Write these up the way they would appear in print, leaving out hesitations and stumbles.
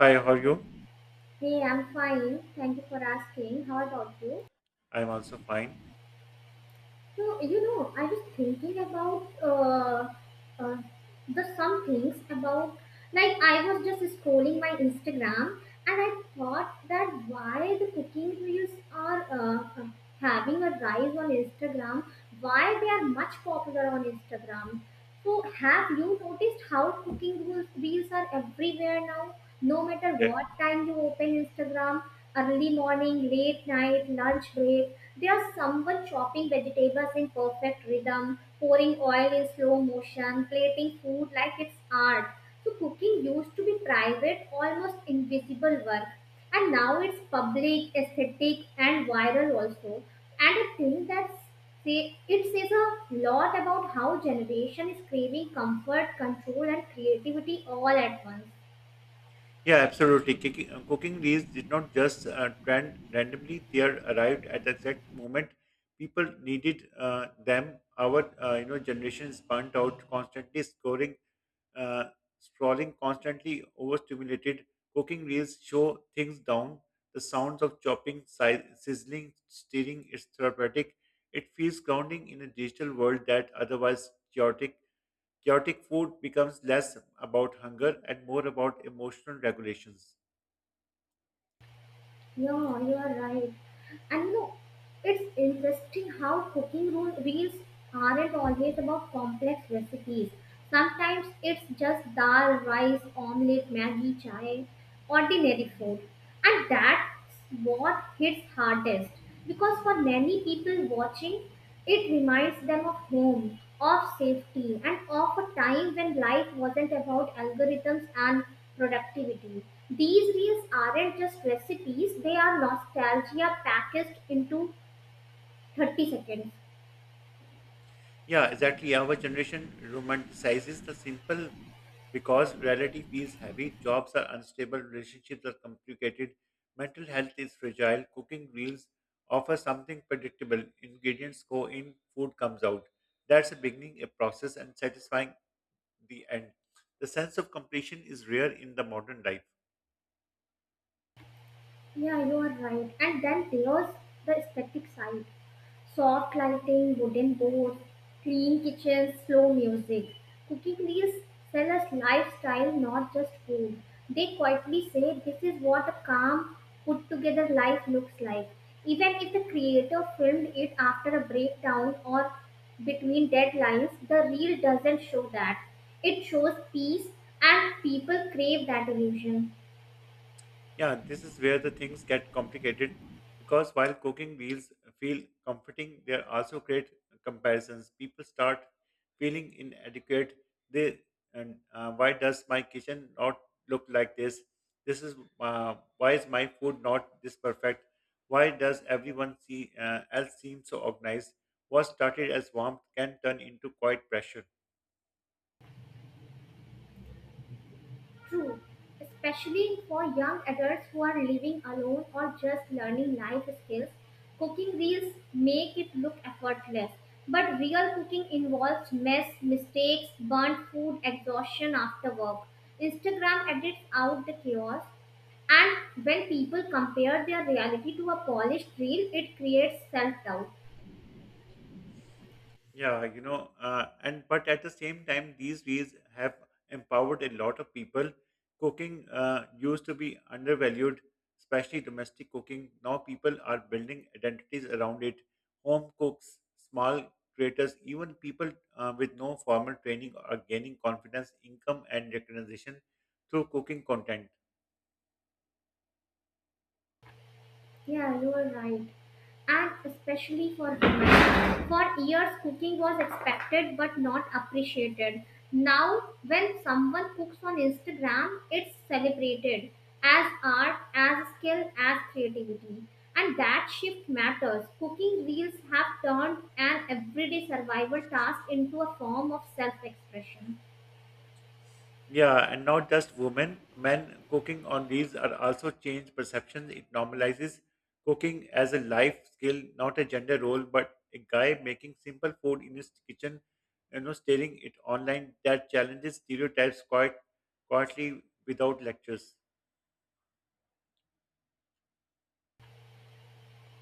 Hi, how are you? Hey, I'm fine. Thank you for asking. How about you? I'm also fine. So, I was thinking about uh, the some things about like I was just scrolling my Instagram, and I thought that why the cooking reels are having a rise on Instagram, why they are much popular on Instagram. So, have you noticed how cooking reels are everywhere now? No matter Yeah, what time you open Instagram, early morning, late night, lunch break, they are someone chopping vegetables in perfect rhythm, pouring oil in slow motion, plating food like it's art. So cooking used to be private, almost invisible work, and now it's public, aesthetic, and viral also. And I think that say it says a lot about how generation is craving comfort, control, and creativity all at once. yeah, absolutely. Cooking, cooking reels did not just trend randomly; they are arrived at the exact moment people needed them. Our generation is burnt out, constantly scoring, uh, scrolling, constantly overstimulated. Cooking reels show things down. The sounds of chopping, sizzling, stirring is therapeutic. It feels grounding in a digital world that otherwise chaotic. Chaotic food becomes less about hunger and more about emotional regulations. Yeah, you are right. And no, it's interesting how cooking rule reels aren't always about complex recipes. Sometimes it's just dal, rice, omelette, maggi, chai, ordinary food. And that's what hits hardest. Because for many people watching, it reminds them of home, of safety, and of a time when life wasn't about algorithms and productivity. These reels aren't just recipes, they are nostalgia packaged into 30 seconds. Yeah, exactly. Our generation romanticizes the simple because reality feels heavy, jobs are unstable, relationships are complicated, mental health is fragile, cooking reels offer something predictable, ingredients go in, food comes out. That's a beginning, a process, and satisfying the end. The sense of completion is rare in the modern life. Yeah, you are right. And then there's the aesthetic side. Soft lighting, wooden doors, clean kitchens, slow music. Cooking reels sell us lifestyle, not just food. They quietly say this is what a calm, put together life looks like. Even if the creator filmed it after a breakdown or between deadlines, the reel doesn't show that. It shows peace, and people crave that illusion. Yeah, this is where the things get complicated because while cooking meals feel comforting, they also create comparisons. People start feeling inadequate. They and why does my kitchen not look like this? This is why is my food not this perfect? Why does everyone see else seem so organized? What started as warmth can turn into quite pressure. True, especially for young adults who are living alone or just learning life skills, cooking reels make it look effortless. But real cooking involves mess, mistakes, burnt food, exhaustion after work. Instagram edits out the chaos, and when people compare their reality to a polished reel, it creates self doubt. Yeah, you know, and but at the same time, these ways have empowered a lot of people. Cooking used to be undervalued, especially domestic cooking. Now people are building identities around it. Home cooks, small creators, even people with no formal training are gaining confidence, income, and recognition through cooking content. Yeah, you are right. And especially for women. For years, cooking was expected but not appreciated. Now, when someone cooks on Instagram, it's celebrated as art, as skill, as creativity. And that shift matters. Cooking reels have turned an everyday survival task into a form of self expression. Yeah, and not just women, men cooking on these are also change perceptions. It normalizes cooking as a life skill, not a gender role, but a guy making simple food in his kitchen, you know, staring it online that challenges stereotypes quite quietly without lectures.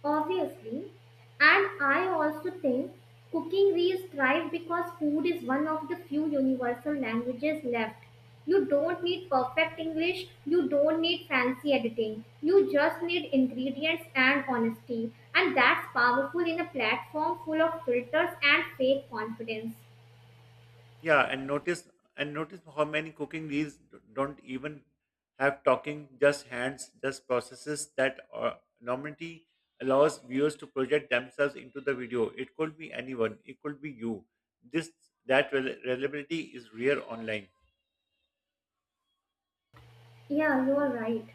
Obviously, and I also think cooking reels thrive because food is one of the few universal languages left. You don't need perfect English, you don't need fancy editing, you just need ingredients and honesty, and that's powerful in a platform full of filters and fake confidence. Yeah, and notice how many cooking reels don't even have talking, just hands, just processes that anonymity allows viewers to project themselves into the video. It could be anyone, it could be you. This that rel- reliability is rare online. Yeah, you're right.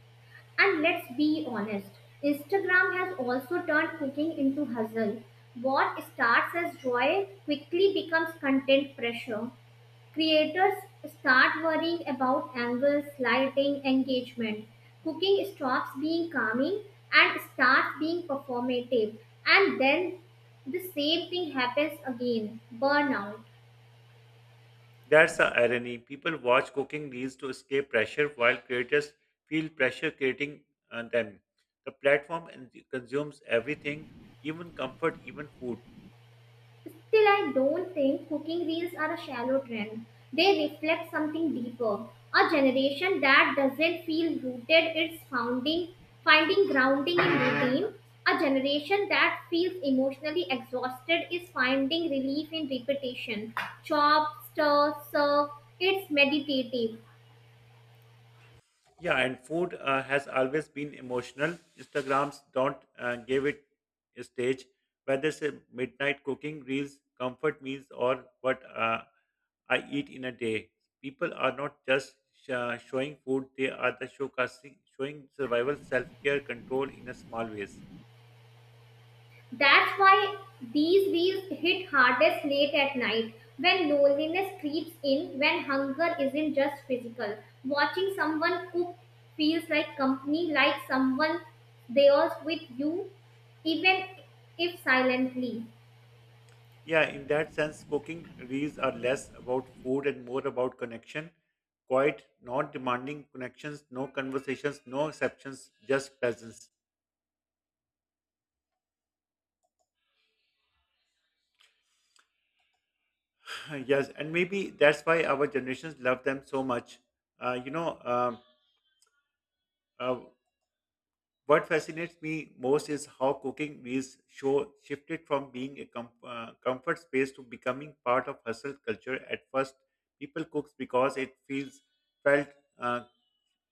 And let's be honest, Instagram has also turned cooking into hustle. What starts as joy quickly becomes content pressure. Creators start worrying about angles, lighting, engagement. Cooking stops being calming and starts being performative. And then the same thing happens again burnout. That's the irony. People watch cooking reels to escape pressure, while creators feel pressure creating them. The platform and consumes everything, even comfort, even food. Still, I don't think cooking reels are a shallow trend. They reflect something deeper. A generation that doesn't feel rooted its founding, finding grounding in routine. A generation that feels emotionally exhausted is finding relief in repetition. Chop, stir, serve. It's meditative. Yeah, and food has always been emotional. Instagrams don't give it a stage. Whether it's a midnight cooking reels, comfort meals, or what I eat in a day, people are not just showing food; they are the showcasing, showing survival, self-care, control in a small ways. That's why these wheels hit hardest late at night when loneliness creeps in, when hunger isn't just physical. Watching someone cook feels like company, like someone there with you, even if silently. Yeah, in that sense, cooking reels are less about food and more about connection. Quite not demanding connections, no conversations, no exceptions, just presence. Yes, and maybe that's why our generations love them so much. Uh, you know, um, uh, what fascinates me most is how cooking meals show shifted from being a comfort space to becoming part of hustle culture. At first, people cooks because it feels felt uh,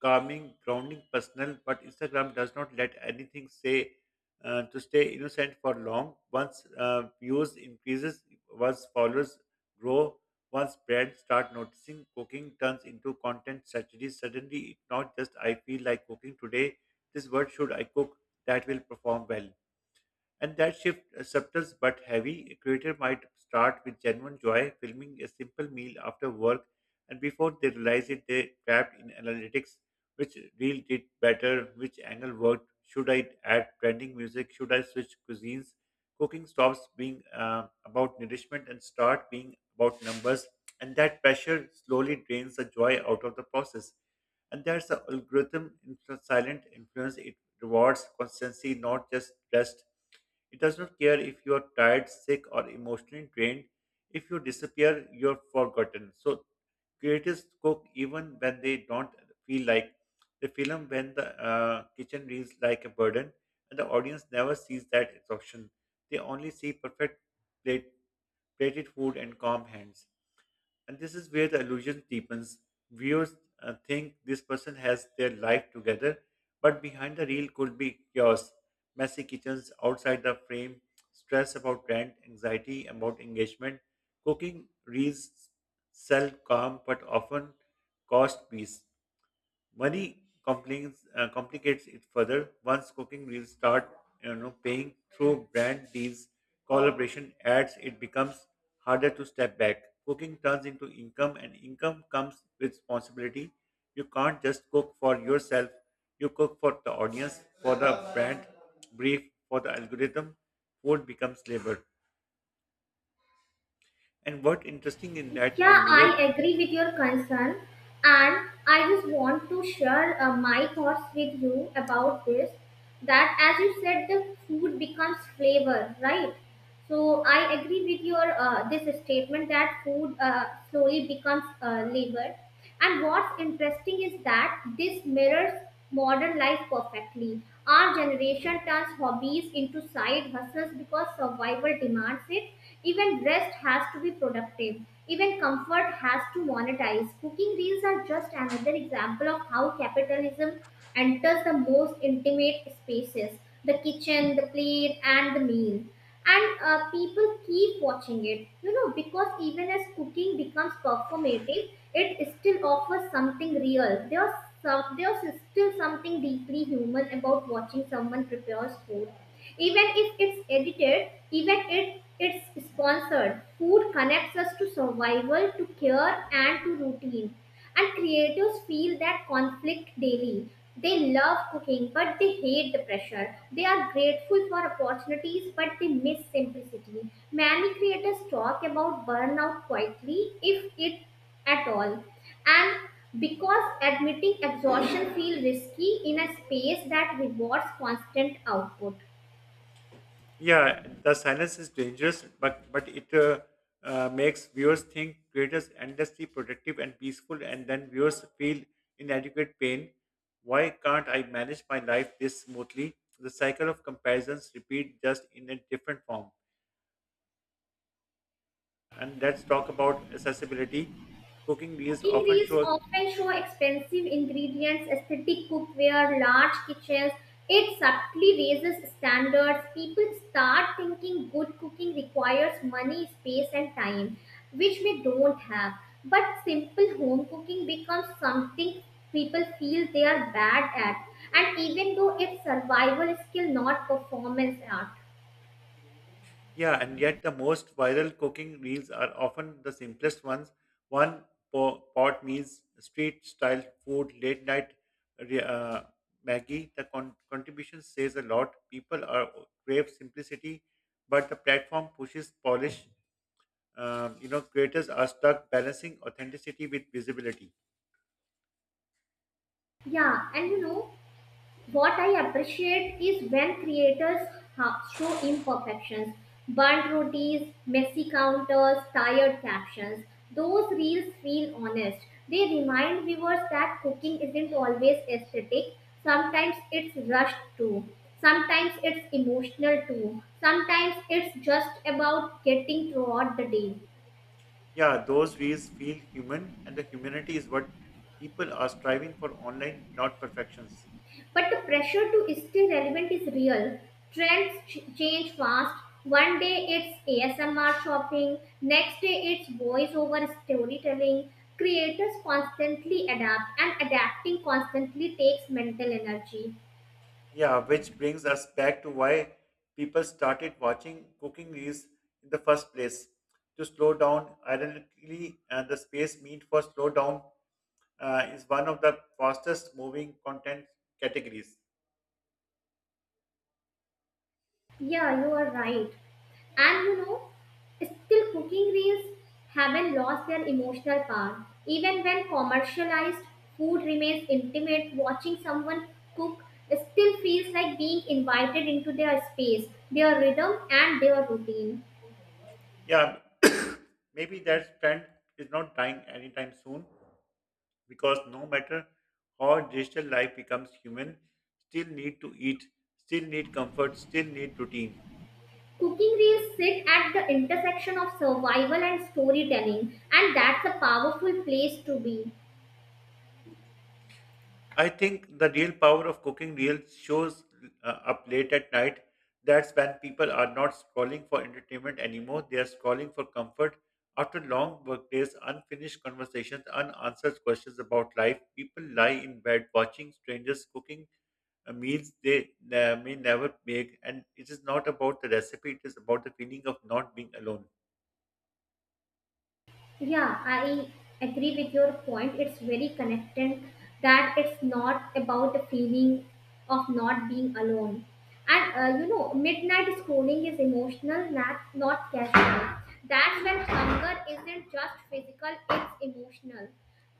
calming, grounding, personal. But Instagram does not let anything say to stay innocent for long. Once views increases, once followers grow, once brands start noticing, cooking turns into content strategy. Suddenly, it's not just I feel like cooking today this word should I cook that will perform well. And that shift, subtle but heavy, a creator might start with genuine joy, filming a simple meal after work, and before they realize it, they trapped in analytics which reel did better, which angle worked, should I add trending music, should I switch cuisines. Cooking stops being about nourishment and start being about numbers, and that pressure slowly drains the joy out of the process. And there's the silent influence. It rewards constancy, not just rest. It does not care if you are tired, sick, or emotionally drained. If you disappear, you're forgotten. So creators cook even when they don't feel like. They film when the kitchen reads like a burden and the audience never sees that exhaustion. They only see plate, plated food and calm hands. And this is where the illusion deepens. Viewers think this person has their life together, but behind the reel could be chaos, messy kitchens outside the frame, stress about rent, anxiety about engagement. Cooking reels sell calm but often cost peace. Money complicates it further. Once cooking reels start, you know, paying through brand deals, collaboration ads, it becomes harder to step back. Cooking turns into income, and income comes with responsibility. You can't just cook for yourself. You cook for the audience, for the brand brief, for the algorithm. Food becomes labor. And what interesting in that Yeah, mirror. I agree with your concern, and I just want to share my thoughts with you about this. That, as you said, the food becomes flavor, right? So I agree with your this statement that food slowly becomes labor. And what's interesting is that this mirrors modern life perfectly. Our generation turns hobbies into side hustles because survival demands it. Even rest has to be productive. Even comfort has to monetize. Cooking reels are just another example of how capitalism enters the most intimate spaces, the kitchen, the plate, and the meal. And people keep watching it, you know, because even as cooking becomes performative, it still offers something real. There's still something deeply human about watching someone prepares food, even if it's edited, even if it's sponsored. Food connects us to survival, to care, and to routine. And creatives feel that conflict daily. They love cooking, but they hate the pressure. They are grateful for opportunities, but they miss simplicity. Many creators talk about burnout quietly, if it at all. And because admitting exhaustion feels risky in a space that rewards constant output. Yeah, the silence is dangerous, but it makes viewers think creators endlessly productive and peaceful, and then viewers feel inadequate pain. Why can't I manage my life this smoothly? The cycle of comparisons repeat just in a different form. And let's talk about accessibility. Cooking reels Cooking often reels show. often show expensive ingredients, aesthetic cookware, large kitchens. It subtly raises standards. People start thinking good cooking requires money, space, and time, which we don't have. But simple home cooking becomes something people feel they are bad at, and even though it's survival skill, not performance art. Yeah, and yet the most viral cooking reels are often the simplest ones. One pot meals, street style food, late night re- uh, Maggie. The contribution says a lot. People are crave simplicity, but the platform pushes polish. Creators are stuck balancing authenticity with visibility. Yeah, and you know, what I appreciate is when creators show imperfections, burnt rotis, messy counters, tired captions. Those reels feel honest. They remind viewers that cooking isn't always aesthetic. Sometimes it's rushed too. Sometimes it's emotional too. Sometimes it's just about getting throughout the day. Yeah, those reels feel human, and the humanity is what people are striving for online, not perfections. But the pressure to stay relevant is real. Trends change fast. One day it's ASMR shopping, next day it's voiceover storytelling. Creators constantly adapt, and adapting constantly takes mental energy. Yeah, which brings us back to why people started watching cooking reels in the first place. To slow down, ironically, and the space meant for slow down is one of the fastest moving content categories. Yeah, you are right. And you know, still cooking reels haven't lost their emotional power. Even when commercialized, food remains intimate. Watching someone cook still feels like being invited into their space, their rhythm, and their routine. Yeah, maybe that trend is not dying anytime soon because no matter how digital life becomes human, still need to eat, still need comfort, still need routine. Cooking reels sit at the intersection of survival and storytelling, and that's a powerful place to be. I think the real power of cooking real shows up late at night. That's when people are not scrolling for entertainment anymore. They are scrolling for comfort. After long workdays, unfinished conversations, unanswered questions about life, people lie in bed watching strangers cooking meals they may never make. And it is not about the recipe, it is about the feeling of not being alone. Yeah, I agree with your point. It's very connected that it's not about the feeling of not being alone. And you know, midnight scrolling is emotional, not casual. That's when hunger isn't just physical, it's emotional.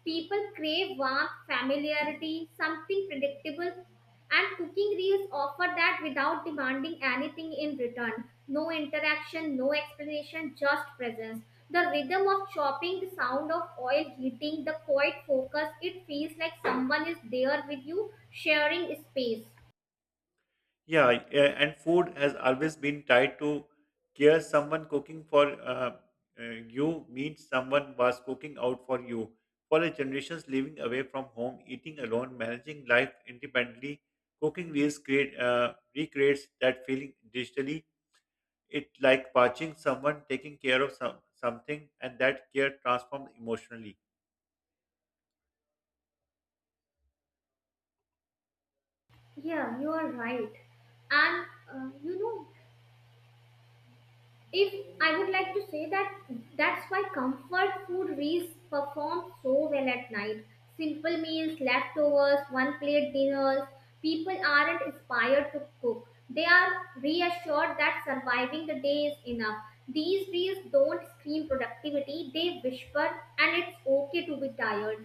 People crave warmth, familiarity, something predictable, and cooking reels offer that without demanding anything in return. No interaction, no explanation, just presence. The rhythm of chopping, the sound of oil heating, the quiet focus, it feels like someone is there with you, sharing space. Yeah, and food has always been tied to care. Someone cooking for you means someone was cooking out for you. For a generations living away from home, eating alone, managing life independently, cooking reels create, recreates that feeling digitally. It like watching someone taking care of some, something, and that care transforms emotionally. Yeah, you are right. And you know, if I would like to say that that's why comfort food reels perform so well at night, simple meals, leftovers, one plate dinners. People aren't inspired to cook, they are reassured that surviving the day is enough. These reels don't scream productivity, they whisper, and it's okay to be tired.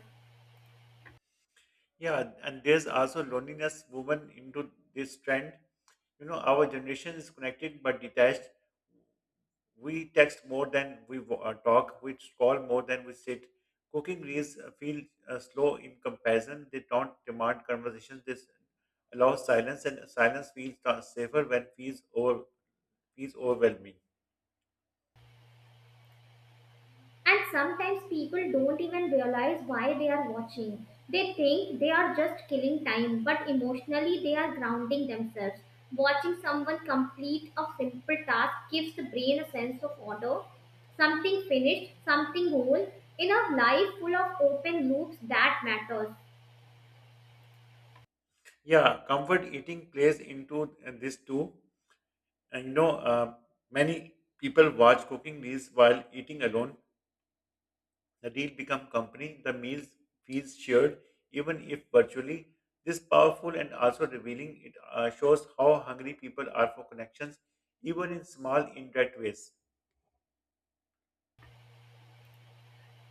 Yeah, and there's also loneliness woven into this trend, you know, our generation is connected but detached. We text more than we talk. We call more than we sit. Cooking reels feel slow in comparison. They don't demand conversation. This allows silence, and silence feels safer when feels overwhelming. And sometimes people don't even realize why they are watching. They think they are just killing time, but emotionally they are grounding themselves. Watching someone complete a simple task gives the brain a sense of order, something finished, something whole, in a life full of open loops that matters. Yeah, comfort eating plays into this too. And you know, many people watch cooking reels while eating alone. The deal become company, the meals fees shared, even if virtually. This powerful and also revealing, it shows how hungry people are for connections, even in small indirect ways.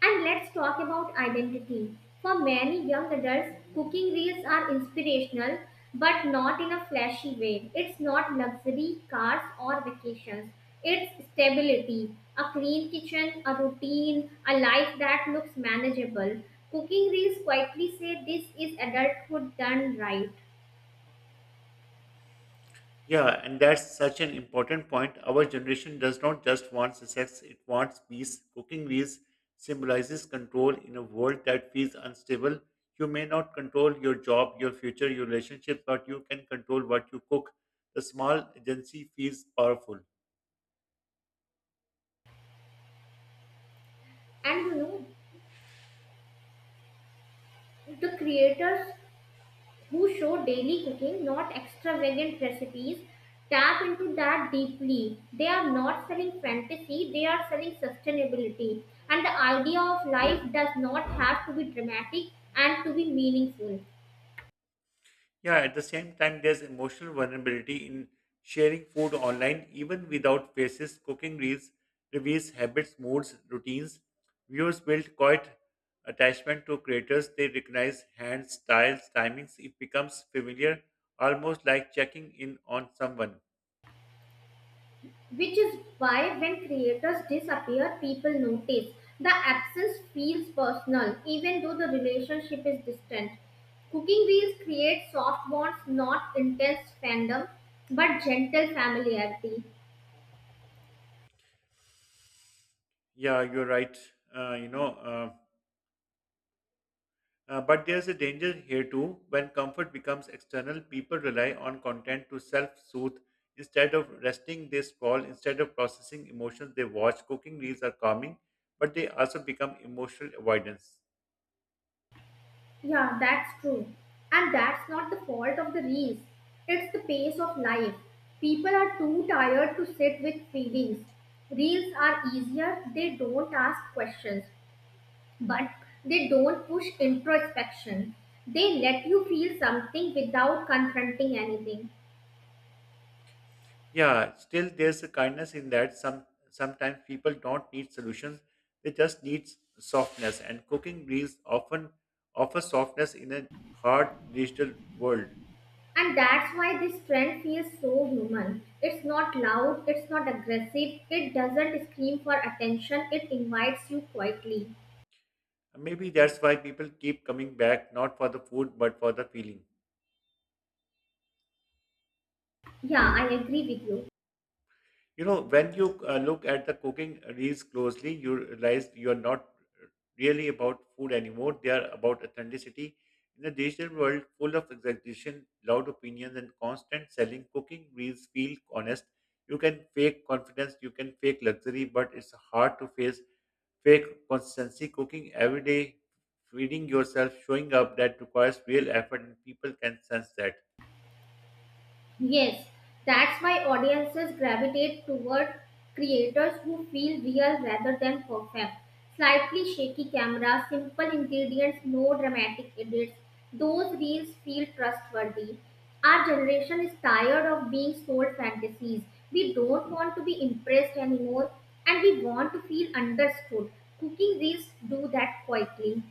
And let's talk about identity. For many young adults, cooking reels are inspirational, but not in a flashy way. It's not luxury, cars, or vacations. It's stability, a clean kitchen, a routine, a life that looks manageable. Cooking reels quietly say this is adulthood done right. Yeah, and that's such an important point. Our generation does not just want success, it wants peace. Cooking peace symbolizes control in a world that feels unstable. You may not control your job, your future, your relationship, but you can control what you cook. The small agency feels powerful. And you know, the creators who show daily cooking, not extravagant recipes. Tap into that deeply. They are not selling fantasy, they are selling sustainability. And the idea of life does not have to be dramatic and to be meaningful. Yeah, at the same time, there's emotional vulnerability in sharing food online, even without faces. Cooking reels reveals habits, moods, routines. Viewers build quite attachment to creators. They recognize hands, styles, timings. It becomes familiar, almost like checking in on someone. Which is why when creators disappear, people notice. The absence feels personal, even though the relationship is distant. Cooking wheels create soft bonds, not intense fandom, but gentle familiarity. Yeah, you're right. Uh, you know. Uh, but there's a danger here too. When comfort becomes external, people rely on content to self soothe. Instead of resting, they scroll. Instead of processing emotions, they watch. Cooking reels are calming, but they also become emotional avoidance. Yeah, that's true. And that's not the fault of the reels. It's the pace of life. People are too tired to sit with feelings. Reels are easier, they don't ask questions, but they don't push introspection. They let you feel something without confronting anything. Yeah, still there's a kindness in that. Sometimes people don't need solutions, they just need softness. And cooking reels often offer softness in a hard digital world. And that's why this trend feels so human. It's not loud, it's not aggressive, it doesn't scream for attention, it invites you quietly. Maybe that's why people keep coming back, not for the food, but for the feeling. Yeah, I agree with you. You know, when you look at the cooking reels closely, you realize you are not really about food anymore. They are about authenticity. In a digital world full of exaggeration, loud opinions, and constant selling, cooking reels feel honest. You can fake confidence, you can fake luxury, but it's hard to face fake consistency. Cooking every day, feeding yourself, showing up, that requires real effort, and people can sense that. Yes, that's why audiences gravitate toward creators who feel real rather than perfect. Slightly shaky camera, simple ingredients, no dramatic edits. Those reels feel trustworthy. Our generation is tired of being sold fantasies. We don't want to be impressed anymore, and we want to feel understood. Cooking reels do that quietly.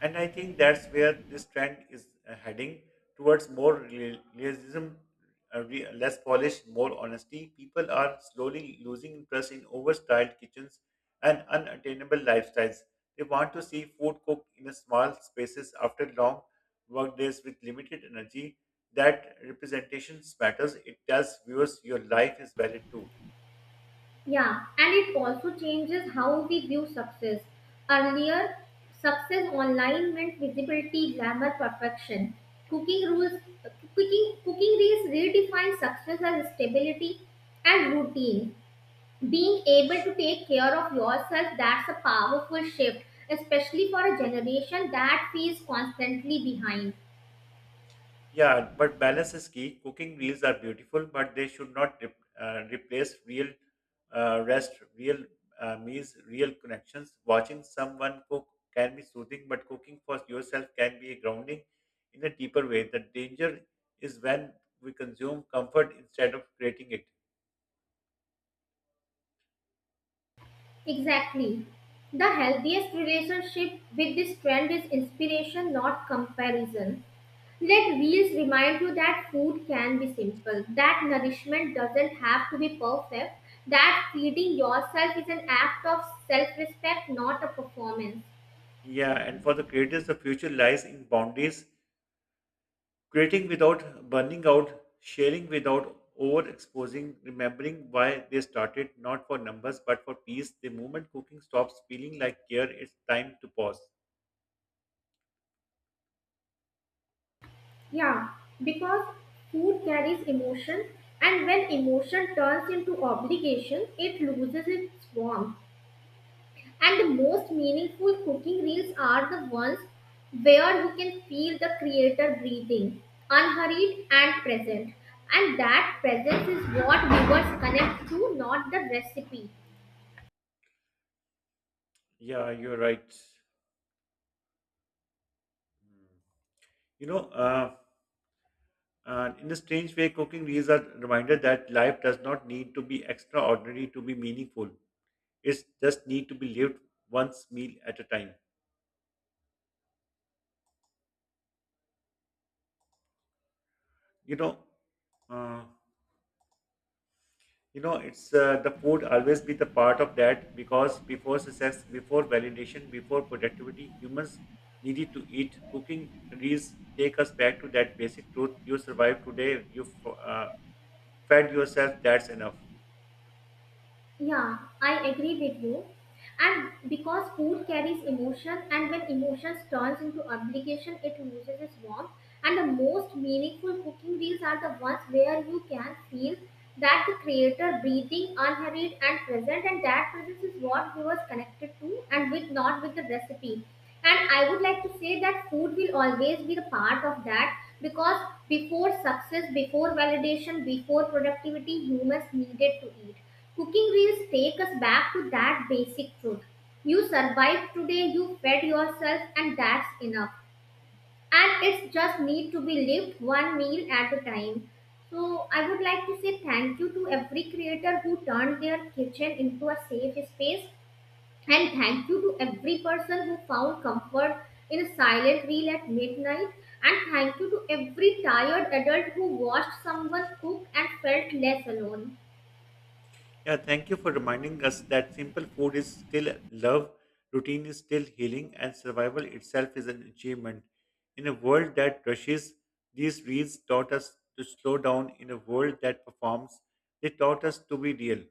And I think that's where this trend is heading towards more realism, less polish, more honesty. People are slowly losing interest in overstyled kitchens and unattainable lifestyles. They want to see food cooked in a small spaces after long work days with limited energy. That representation matters. It tells viewers your life is valid too. Yeah, and it also changes how we view success. Earlier, success online meant visibility, glamour, perfection. Cooking rules, cooking reels redefine success as stability and routine. Being able to take care of yourself, that's a powerful shift, especially for a generation that feels constantly behind. Yeah, but balance is key. Cooking meals are beautiful, but they should not replace real rest, real meals, real connections. Watching someone cook can be soothing, but cooking for yourself can be grounding in a deeper way. The danger is when we consume comfort instead of creating it. Exactly. The healthiest relationship with this trend is inspiration, not comparison. Let wheels remind you that food can be simple, that nourishment doesn't have to be perfect, that feeding yourself is an act of self respect, not a performance. Yeah, and for the creators, the future lies in boundaries. Creating without burning out, sharing without overexposing, remembering why they started, not for numbers but for peace. The moment cooking stops feeling like care, it's time to pause. Yeah, because food carries emotion, and when emotion turns into obligation, it loses its warmth. And the most meaningful cooking reels are the ones where you can feel the creator breathing, unhurried and present. And that presence is what viewers connect to, not the recipe. Yeah, you're right. Hmm. You know, uh, in a strange way, cooking is a reminder that life does not need to be extraordinary to be meaningful. It's just need to be lived once meal at a time. You know, uh, you know, it's the food always be the part of that because before success, before validation, before productivity, humans needed to eat, cooking these take us back to that basic truth. You survive today, you uh, fed yourself, that's enough. Yeah, I agree with you. And because food carries emotion, and when emotions turns into obligation, it loses its warmth. And the most meaningful cooking reels are the ones where you can feel that the creator breathing unhurried and present, and that presence is what viewers connected to, and with not with the recipe. And I would like to say that food will always be the part of that because before success, before validation, before productivity, humans needed to eat. Cooking reels take us back to that basic truth. You survived today, you fed yourself, and that's enough. And it's just need to be lived one meal at a time. So I would like to say thank you to every creator who turned their kitchen into a safe space. And thank you to every person who found comfort in a silent reel at midnight. And thank you to every tired adult who watched someone cook and felt less alone. Yeah, thank you for reminding us that simple food is still love, routine is still healing, and survival itself is an achievement. In a world that rushes, these reads taught us to slow down. In a world that performs, they taught us to be real.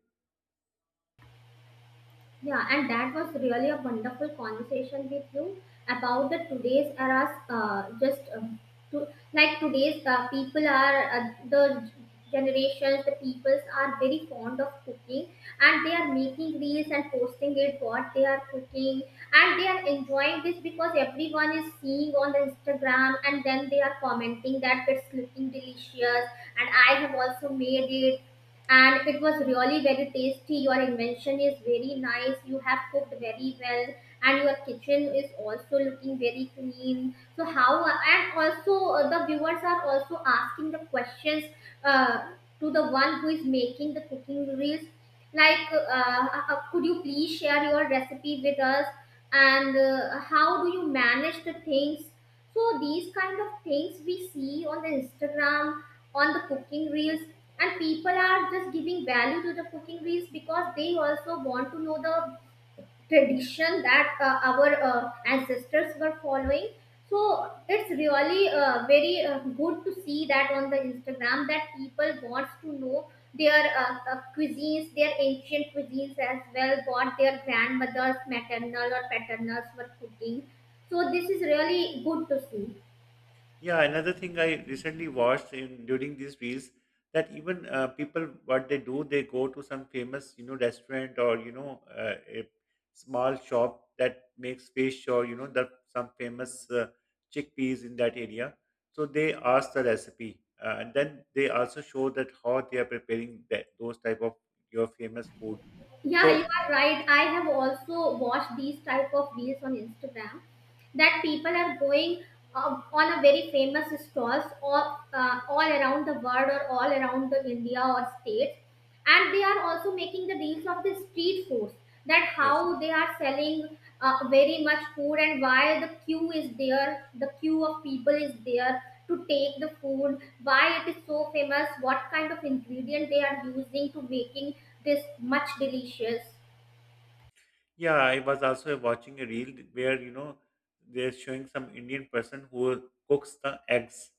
Yeah, and that was really a wonderful conversation with you about the today's eras. Just to, like today's people are the generations, the peoples are very fond of cooking, and they are making reels and posting it what they are cooking, and they are enjoying this because everyone is seeing on the Instagram, and then they are commenting that it's looking delicious, and I have also made it and it was really very tasty. Your invention is very nice. You have cooked very well and your kitchen is also looking very clean, so how? And also the viewers are also asking the questions uh, to the one who is making the cooking reels, like uh, could you please share your recipe with us, and how do you manage the things? So these kind of things we see on the Instagram, on the cooking reels, and people are just giving value to the cooking reels because they also want to know the tradition that our ancestors were following. So it's really very good to see that on the Instagram that people wants to know their cuisines, their ancient cuisines as well, what their grandmothers, maternal or paternals, were cooking. So this is really good to see. Yeah, another thing I recently watched in during these reels, that even people what they do, they go to some famous, you know, restaurant, or you know, a small shop that makes fish, or you know the some famous chickpeas in that area. So they ask the recipe, and then they also show that how they are preparing that those type of your famous food. Yeah, you So are right, I have also watched these type of reels on Instagram that people are going on a very famous stalls all around the world or all around the India or states. And they are also making the deals of the street foods, that yes. how they are selling very much food, and why the queue is there, the queue of people is there to take the food, why it is so famous, what kind of ingredient they are using to making this much delicious. Yeah, I was also watching a reel where, you know, they're showing some Indian person who cooks the eggs.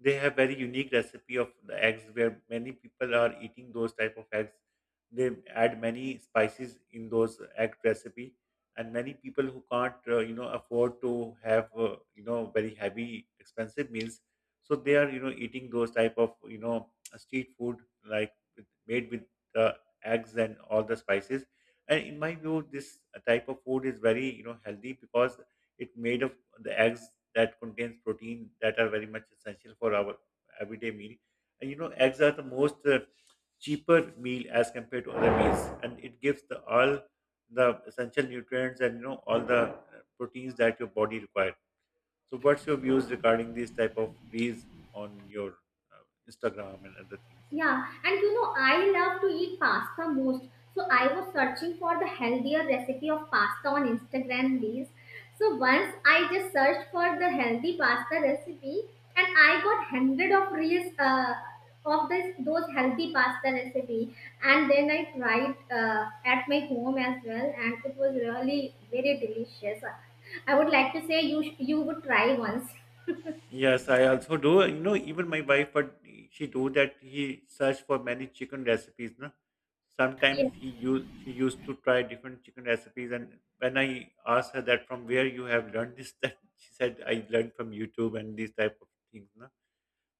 They have very unique recipe of the eggs where many people are eating those type of eggs. They add many spices in those egg recipe, and many people who can't, you know, afford to have, you know, very heavy expensive meals, so they are, you know, eating those type of, you know, street food, like with, made with the eggs and all the spices. And in my view, this type of food is very, you know, healthy because it made of the eggs that contains protein that are very much essential for our everyday meal. And you know, eggs are the most cheaper meal as compared to other meals, and it gives the all the essential nutrients, and you know all the proteins that your body requires. So, what's your views regarding these type of reels on your uh, Instagram and other things? Yeah, and you know, I love to eat pasta most. So I was searching for the healthier recipe of pasta on Instagram reels. So once I just searched for the healthy pasta recipe, and I got hundred of reels of this those healthy pasta recipe. And then I tried at my home as well, and it was really very delicious. I would like to say you you would try once. Yes, I also do. You know, even my wife, but she do that. He search for many chicken recipes. No, Yeah. sometimes he use she used to try different chicken recipes. And when I asked her that from where you have learned this, that she said I learned from YouTube and these type of things. No,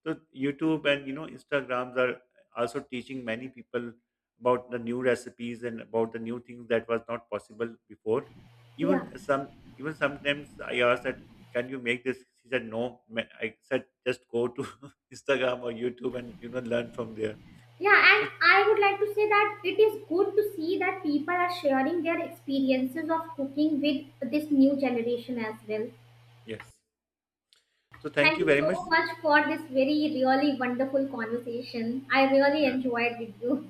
so YouTube and you know Instagrams are also teaching many people about the new recipes and about the new things that was not possible before. Yeah. Even some Even sometimes I asked that can you make this? She said no. Ma- I said just go to Instagram or YouTube and you know learn from there. Yeah, and So I would like to say that it is good to see that people are sharing their experiences of cooking with this new generation as well. yes. So thank Thank you you very much. so much for this very, really wonderful conversation. I really Yeah, enjoyed with you.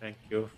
thank you.